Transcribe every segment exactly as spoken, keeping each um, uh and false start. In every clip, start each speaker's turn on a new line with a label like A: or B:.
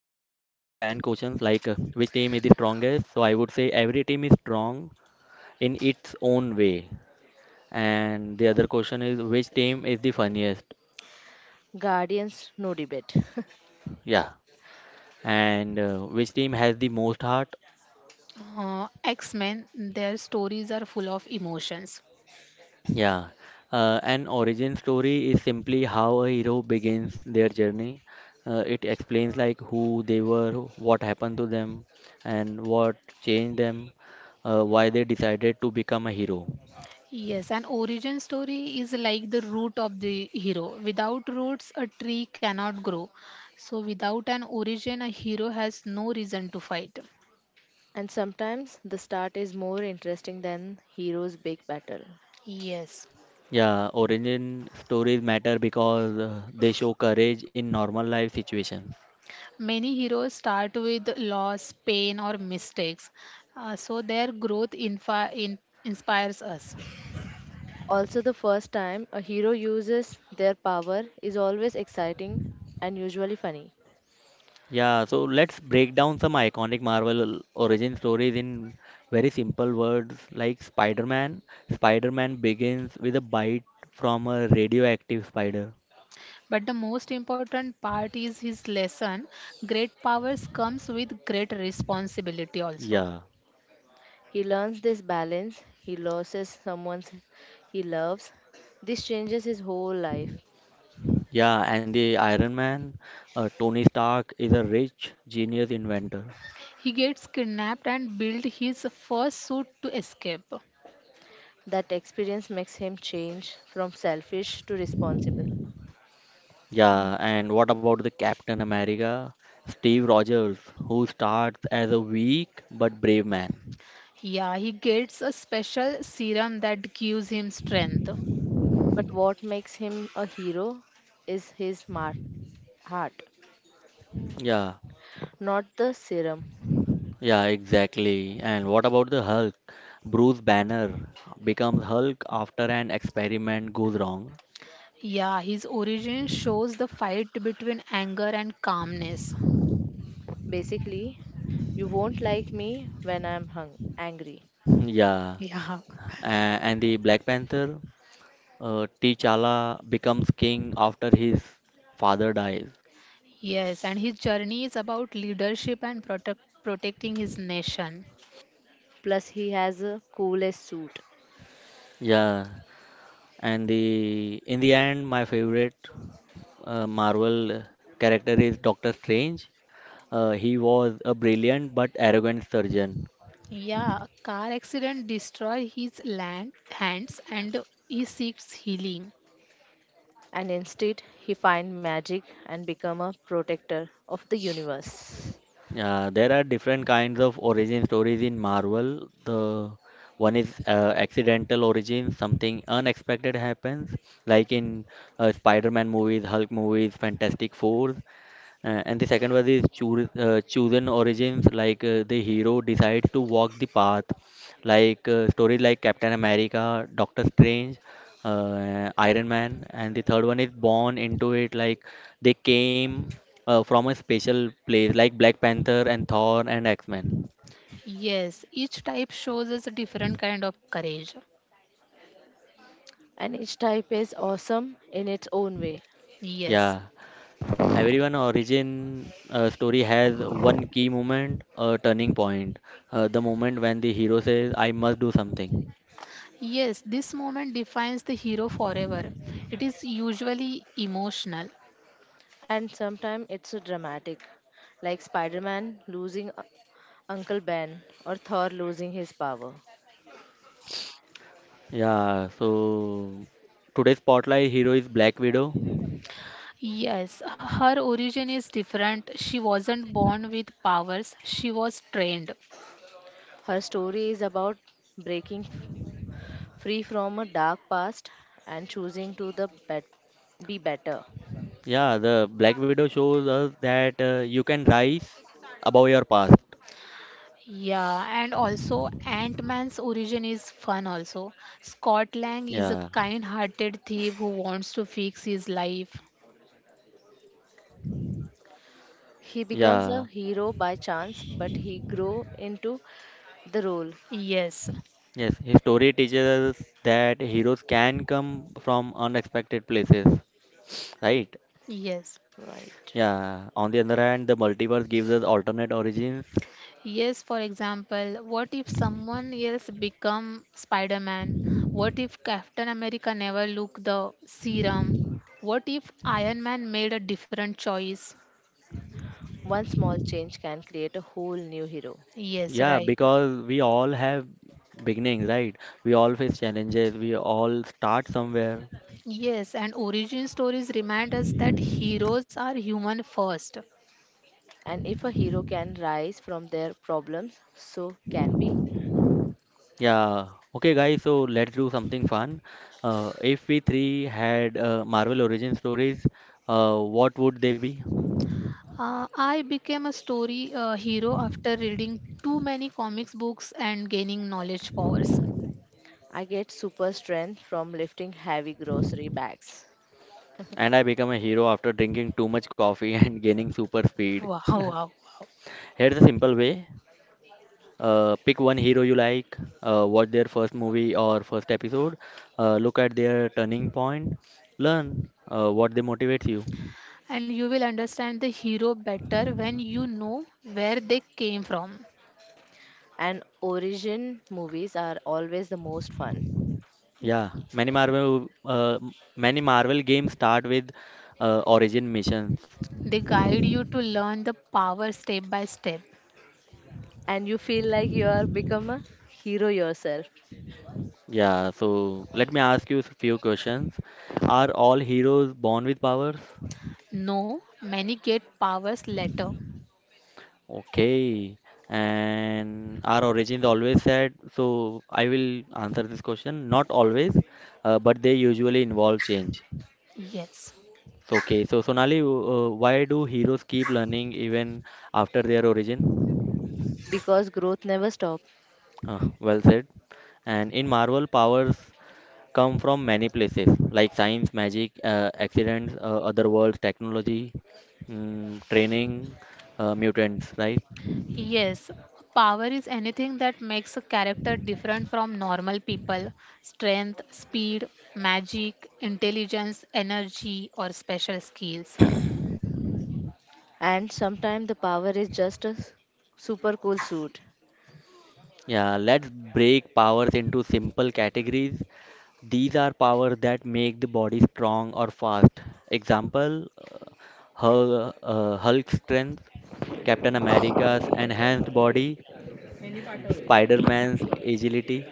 A: questions like uh, which team is the strongest? So I would say every team is strong in its own way. And the other question is which team is the funniest?
B: Guardians, no debate.
A: Yeah. And uh, which team has the most heart?
C: Uh, X-Men, their stories are full of emotions.
A: Yeah. Uh, an origin story is simply how a hero begins their journey. Uh, it explains like who they were, what happened to them, and what changed them, uh, why they decided to become a hero.
C: Yes, an origin story is like the root of the hero. Without roots, a tree cannot grow. So, without an origin, a hero has no reason to fight.
B: And sometimes the start is more interesting than hero's big battle.
C: Yes,
A: Yeah, origin stories matter because uh, they show courage in normal life situations.
C: many heroes start with loss, pain, or mistakes. Uh, so, their growth infi- in- inspires us.
B: Also, the first time a hero uses their power is always exciting and usually funny.
A: Yeah, so let's break down some iconic Marvel origin stories in very simple words like Spider-Man. Spider-Man begins with a bite from a radioactive spider.
C: But the most important part is his lesson great powers comes with great responsibility also.
A: Yeah,
B: He learns this balance, he loses someone he loves. This changes his whole life.
A: yeah, and the Iron Man, uh, Tony Stark is a rich, genius inventor.
C: He gets kidnapped and builds his first suit to escape.
B: That experience makes him change from selfish to responsible.
A: Yeah,
C: Y-
A: and what about the Captain America? Steve Rogers, who starts as a weak but brave man.
C: Yeah, he gets a special serum that gives him strength.
B: But what makes him a hero is his mar- heart,
A: Yeah,
B: not the serum.
A: yeah, exactly. And what about the Hulk? Bruce Banner becomes Hulk after an experiment goes wrong.
C: Yeah, his origin shows the fight between anger and calmness.
B: Basically, you won't like me when I'm hung angry.
A: Yeah,
C: Yeah.
A: a- and the Black Panther, uh, T'Challa becomes king after his father dies.
C: Yes, and his journey is about leadership and protect, protecting his nation.
B: Plus he has a coolest suit.
A: Yeah, and the in the end, my favorite uh, Marvel character is Doctor Strange. Uh, he was a brilliant but arrogant surgeon.
C: Yeah, a car accident destroys his land, hands and he seeks healing.
B: And instead he find magic and become a protector of the universe.
A: Uh, there are different kinds of origin stories in Marvel. The one is uh, accidental origin, something unexpected happens, like in uh, Spider-Man movies, Hulk movies, Fantastic Four. Uh, and the second one is choose, uh, chosen origins like uh, the hero decides to walk the path like uh, stories like Captain America, Doctor Strange, uh, Iron Man. And the third one is born into it, like they came uh, from a special place like Black Panther and Thor and X-Men.
C: Yes, each type shows us a different kind of courage.
B: And each type is awesome in its own way.
C: Yes.
A: Yeah, everyone origin uh, story has one key moment, a turning point, uh, the moment when the hero says I must do something.
C: Yes, this moment defines the hero forever. It is usually emotional.
B: And sometimes it's dramatic, like Spider-Man losing U- Uncle Ben or Thor losing his power.
A: Yeah, so today's spotlight hero is Black Widow.
C: Yes, her origin is different. She wasn't born with powers, she was trained.
B: Her story is about breaking f- free from a dark past and choosing to the bet- be better.
A: Yeah, the Black Widow shows us that uh, you can rise above your past.
C: Yeah, and also Ant Man's origin is fun, also. Scott Lang is a
A: Yeah,
C: kind hearted thief who wants to fix his life.
B: He becomes a
A: yeah,
B: hero by chance, but he grow into the role.
C: Yes,
A: yes. His story teaches us that heroes can come from unexpected places, right?
C: yes.
B: Right.
A: Yeah, on the other hand, the multiverse gives us alternate origins.
C: Yes, for example, what if someone else become Spider-Man? What if Captain America never look the serum? What if Iron Man made a different choice?
B: One small change can create a whole new hero.
C: Yes,
A: Yeah,
C: right.
A: because we all have beginnings, right? We all face challenges, we all start somewhere.
C: Yes, and origin stories remind us that heroes are human first.
B: And if a hero can rise from their problems, so can we.
A: Yeah. Okay, guys, so let's do something fun. Uh, if we three had uh, Marvel origin stories, uh, what would they be?
C: Uh, I became a story uh, hero after reading too many comics books and gaining knowledge powers.
B: I get super strength from lifting heavy grocery bags.
A: And I become a hero after drinking too much coffee and gaining super speed.
C: Wow, wow, wow.
A: Here's a simple way. Uh, pick one hero you like, uh, watch their first movie or first episode, uh, look at their turning point, learn uh, what they motivates you.
C: And you will understand the hero better when you know where they came from.
B: And origin movies are always the most fun.
A: Yeah, many Marvel uh, many Marvel games start with uh, origin missions.
C: They guide you to learn the power step by step.
B: And you feel like you are become a hero yourself
A: Yeah, so let me ask you a few questions. Are all heroes born with powers?
C: No, many get powers later.
A: Okay. And are origins always sad? So I will answer this question. Not always, uh, but they usually involve change.
C: Yes.
A: So, okay, so Sonali, uh, why do heroes keep learning even after their origin?
B: because growth never stops.
A: Uh, well said. And in Marvel, powers come from many places like science, magic, uh, accidents, uh, other worlds, technology, mm, training, uh, mutants, right?
C: Yes, power is anything that makes a character different from normal people. Strength, speed, magic, intelligence, energy, or special skills.
B: And sometimes the power is just a s- super cool suit.
A: Yeah, let's break powers into simple categories. These are powers that make the body strong or fast. Example, uh, Hul- uh, Hulk strength, Captain America's enhanced body, Spider-Man's agility.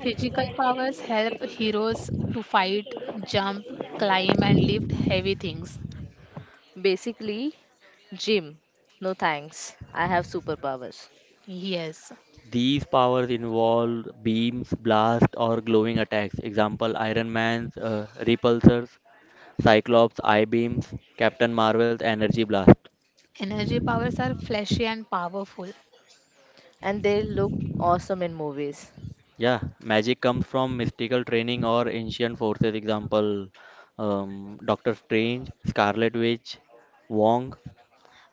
C: Physical powers help heroes to fight, jump, climb, and lift heavy things.
B: Basically, gym. No thanks. I have superpowers.
C: Yes,
A: These powers involve beams, blasts, or glowing attacks. Example: Iron Man's uh, repulsors, Cyclops' eye beams, Captain Marvel's energy blast.
C: energy powers are flashy and powerful.
B: And they look awesome in movies.
A: Yeah, magic comes from mystical training or ancient forces. Example: um, Doctor Strange, Scarlet Witch, Wong.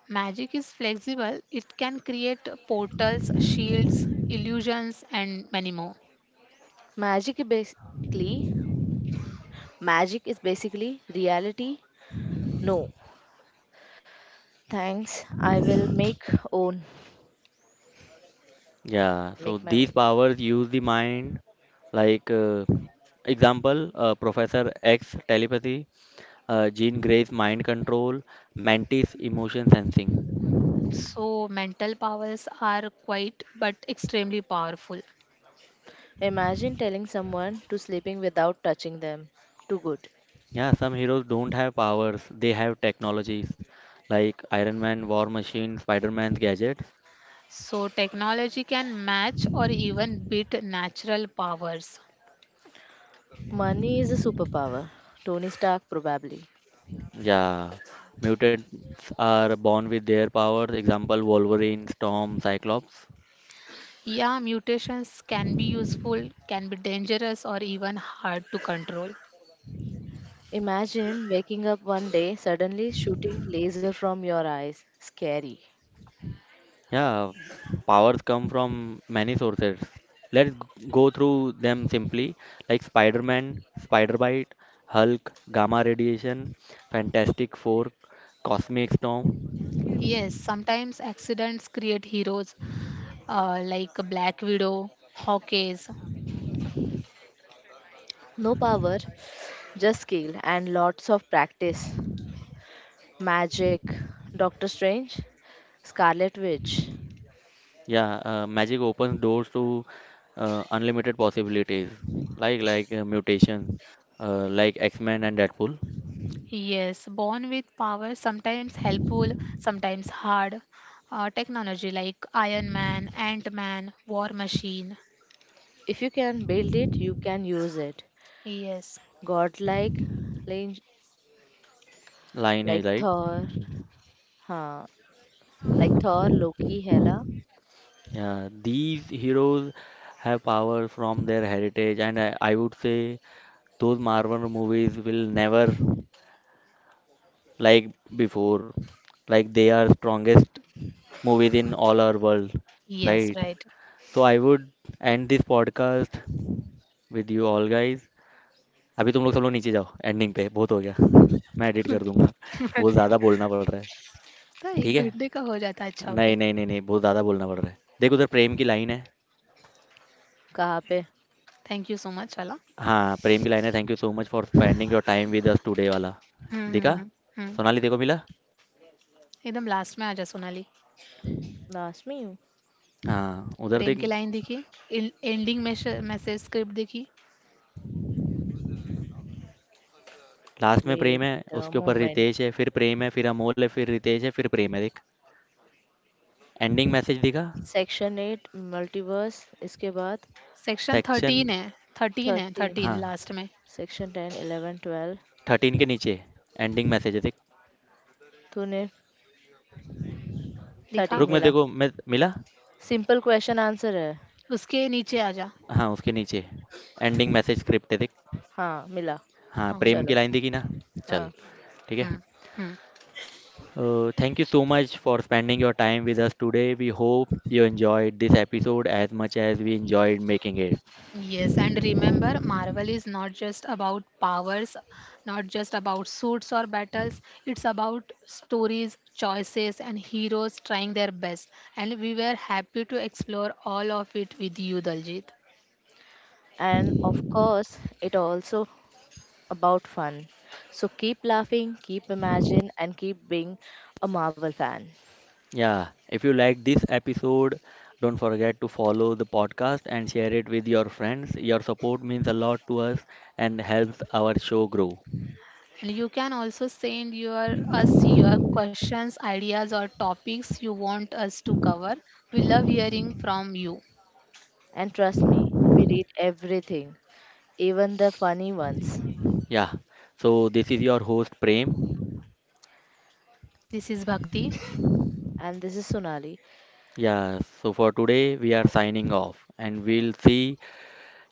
C: Magic is flexible, it can create portals, shields, illusions, and many more.
B: Magic is basically Magic is basically reality. No. Thanks. I will make own
A: Yeah, so
B: make my
A: these
B: own.
A: powers use the mind, like uh, example uh, Professor X telepathy, uh, Jean Grey's mind control, Mantis emotion sensing.
C: So, mental powers are quite but extremely powerful.
B: Imagine telling someone to sleeping without touching them. Too good.
A: Yeah, some heroes don't have powers, they have technologies like Iron Man, War Machine, Spider Man's gadgets.
C: So, technology can match or even beat natural powers.
B: Money is a superpower. Tony Stark probably.
A: Yeah, mutants are born with their powers. Example: Wolverine, Storm, Cyclops.
C: Yeah, mutations can be useful, can be dangerous, or even hard to control.
B: Imagine waking up one day suddenly shooting laser from your eyes. Scary.
A: Yeah, powers come from many sources. Let's g- go through them simply, like Spider Man, spider bite; Hulk, gamma radiation; Fantastic Four, cosmic storm.
C: Yes, sometimes accidents create heroes, uh, like a Black Widow, Hawkeye.
B: No power, just skill and lots of practice. Magic, Doctor Strange, Scarlet Witch.
A: Yeah, uh, magic opens doors to uh, unlimited possibilities, like like uh, mutation, uh, like X-Men and Deadpool;
C: Yes, born with power, sometimes helpful, sometimes hard. Uh, technology like Iron Man, Ant Man, War Machine.
B: If you can build it, you can use it.
C: Yes,
B: Godlike, like, like
A: lineage, like.
B: Thor, हाँ, like Thor, Loki, Hela.
A: Yeah, these heroes have power from their heritage, and I, I would say those Marvel movies will never like before, like they are strongest movies in all our world,
C: yes,
A: right?
C: right.
A: So I would end this podcast with you all guys. अभी तुम लोग सब लोग नीचे जाओ ending पे बहुत हो गया, मैं एडिट कर दूंगा, बहुत ज़्यादा बोलना पड़ रहा है.
C: तो
A: ठीक
C: एक
A: है.
C: घंटे का हो जाता है, अच्छा ओके।
A: नहीं नहीं नहीं नहीं बहुत ज़्यादा बोलना पड़ रहा है. देख उधर प्रेम की लाइन है.
B: कहाँ पे?
C: थैंक यू सो मच वाला।
A: हाँ, प्रेम की लाइन है, thank you so much for spending your time with us today वाला. देखा.
C: हम्म, हम्म, हम्म।
A: सोनाली, देखो मिला.
C: एकदम लास्ट में आजा सोनाली।
B: Last में हूँ.
A: हाँ उधर देख.
C: प्रेम की लाइन देखी, एंडिंग मैसेज स्क्रिप्ट देखी।
A: लास्ट में प्रेम
B: Wait
A: है.
B: a
A: उसके ऊपर
B: moment.
A: रितेश है, फिर प्रेम है, फिर अमोल है, फिर रितेश है, फिर प्रेम है, देख. एंडिंग मैसेज दिखा.
B: Section eight, Multiverse. इसके बाद
C: सेक्शन
A: सेक्शन.
C: थर्टीन है, थर्टीन है
B: thirteen.
C: थर्टीन लास्ट
A: हाँ,
C: में।
B: Section ten, eleven, twelve.
A: Thirteen के नीचे एंडिंग मैसेज है देख.
B: तूने
C: दिखा,
B: thirteen
A: रुक, मैं
B: मिला.
A: देखो, मैं मिला.
B: सिंपल क्वेश्चन आंसर है.
C: उसके नीचे आजा।
A: हाँ उसके नीचे एंडिंग मैसेज स्क्रिप्ट है देख.
B: हाँ, मिला.
A: हाँ,
C: Um,
A: प्रेम
B: चलो.
A: की लाइन देखी ना.
B: हाँ,
A: चल. ठीक है.
C: hmm, hmm.
A: Thank you so much for spending your time with us today, we hope you enjoyed this episode as much as we enjoyed making it.
C: Yes, and remember, Marvel is not just about powers, not just about suits or battles. It's about stories, choices, and heroes trying their best. And we were happy to explore all of it with you, Daljit.
B: and of course it also about fun, so keep laughing, keep imagine, and keep being a Marvel fan.
A: Yeah, if you like this episode, don't forget to follow the podcast and share it with your friends. Your support means a lot to us and helps our show grow.
C: And you can also send your us your questions, ideas, or topics you want us to cover. We love hearing from you.
B: And trust me, we read everything, even the funny ones.
A: Yeah, so this is your host Prem.
C: This is Bhakti.
B: And this is Sonali.
A: Yeah, so for today we are signing off and we'll see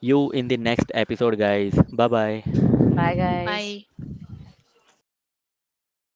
A: you in the next episode, guys. Bye
B: Bye
A: bye.
B: guys.
C: Bye.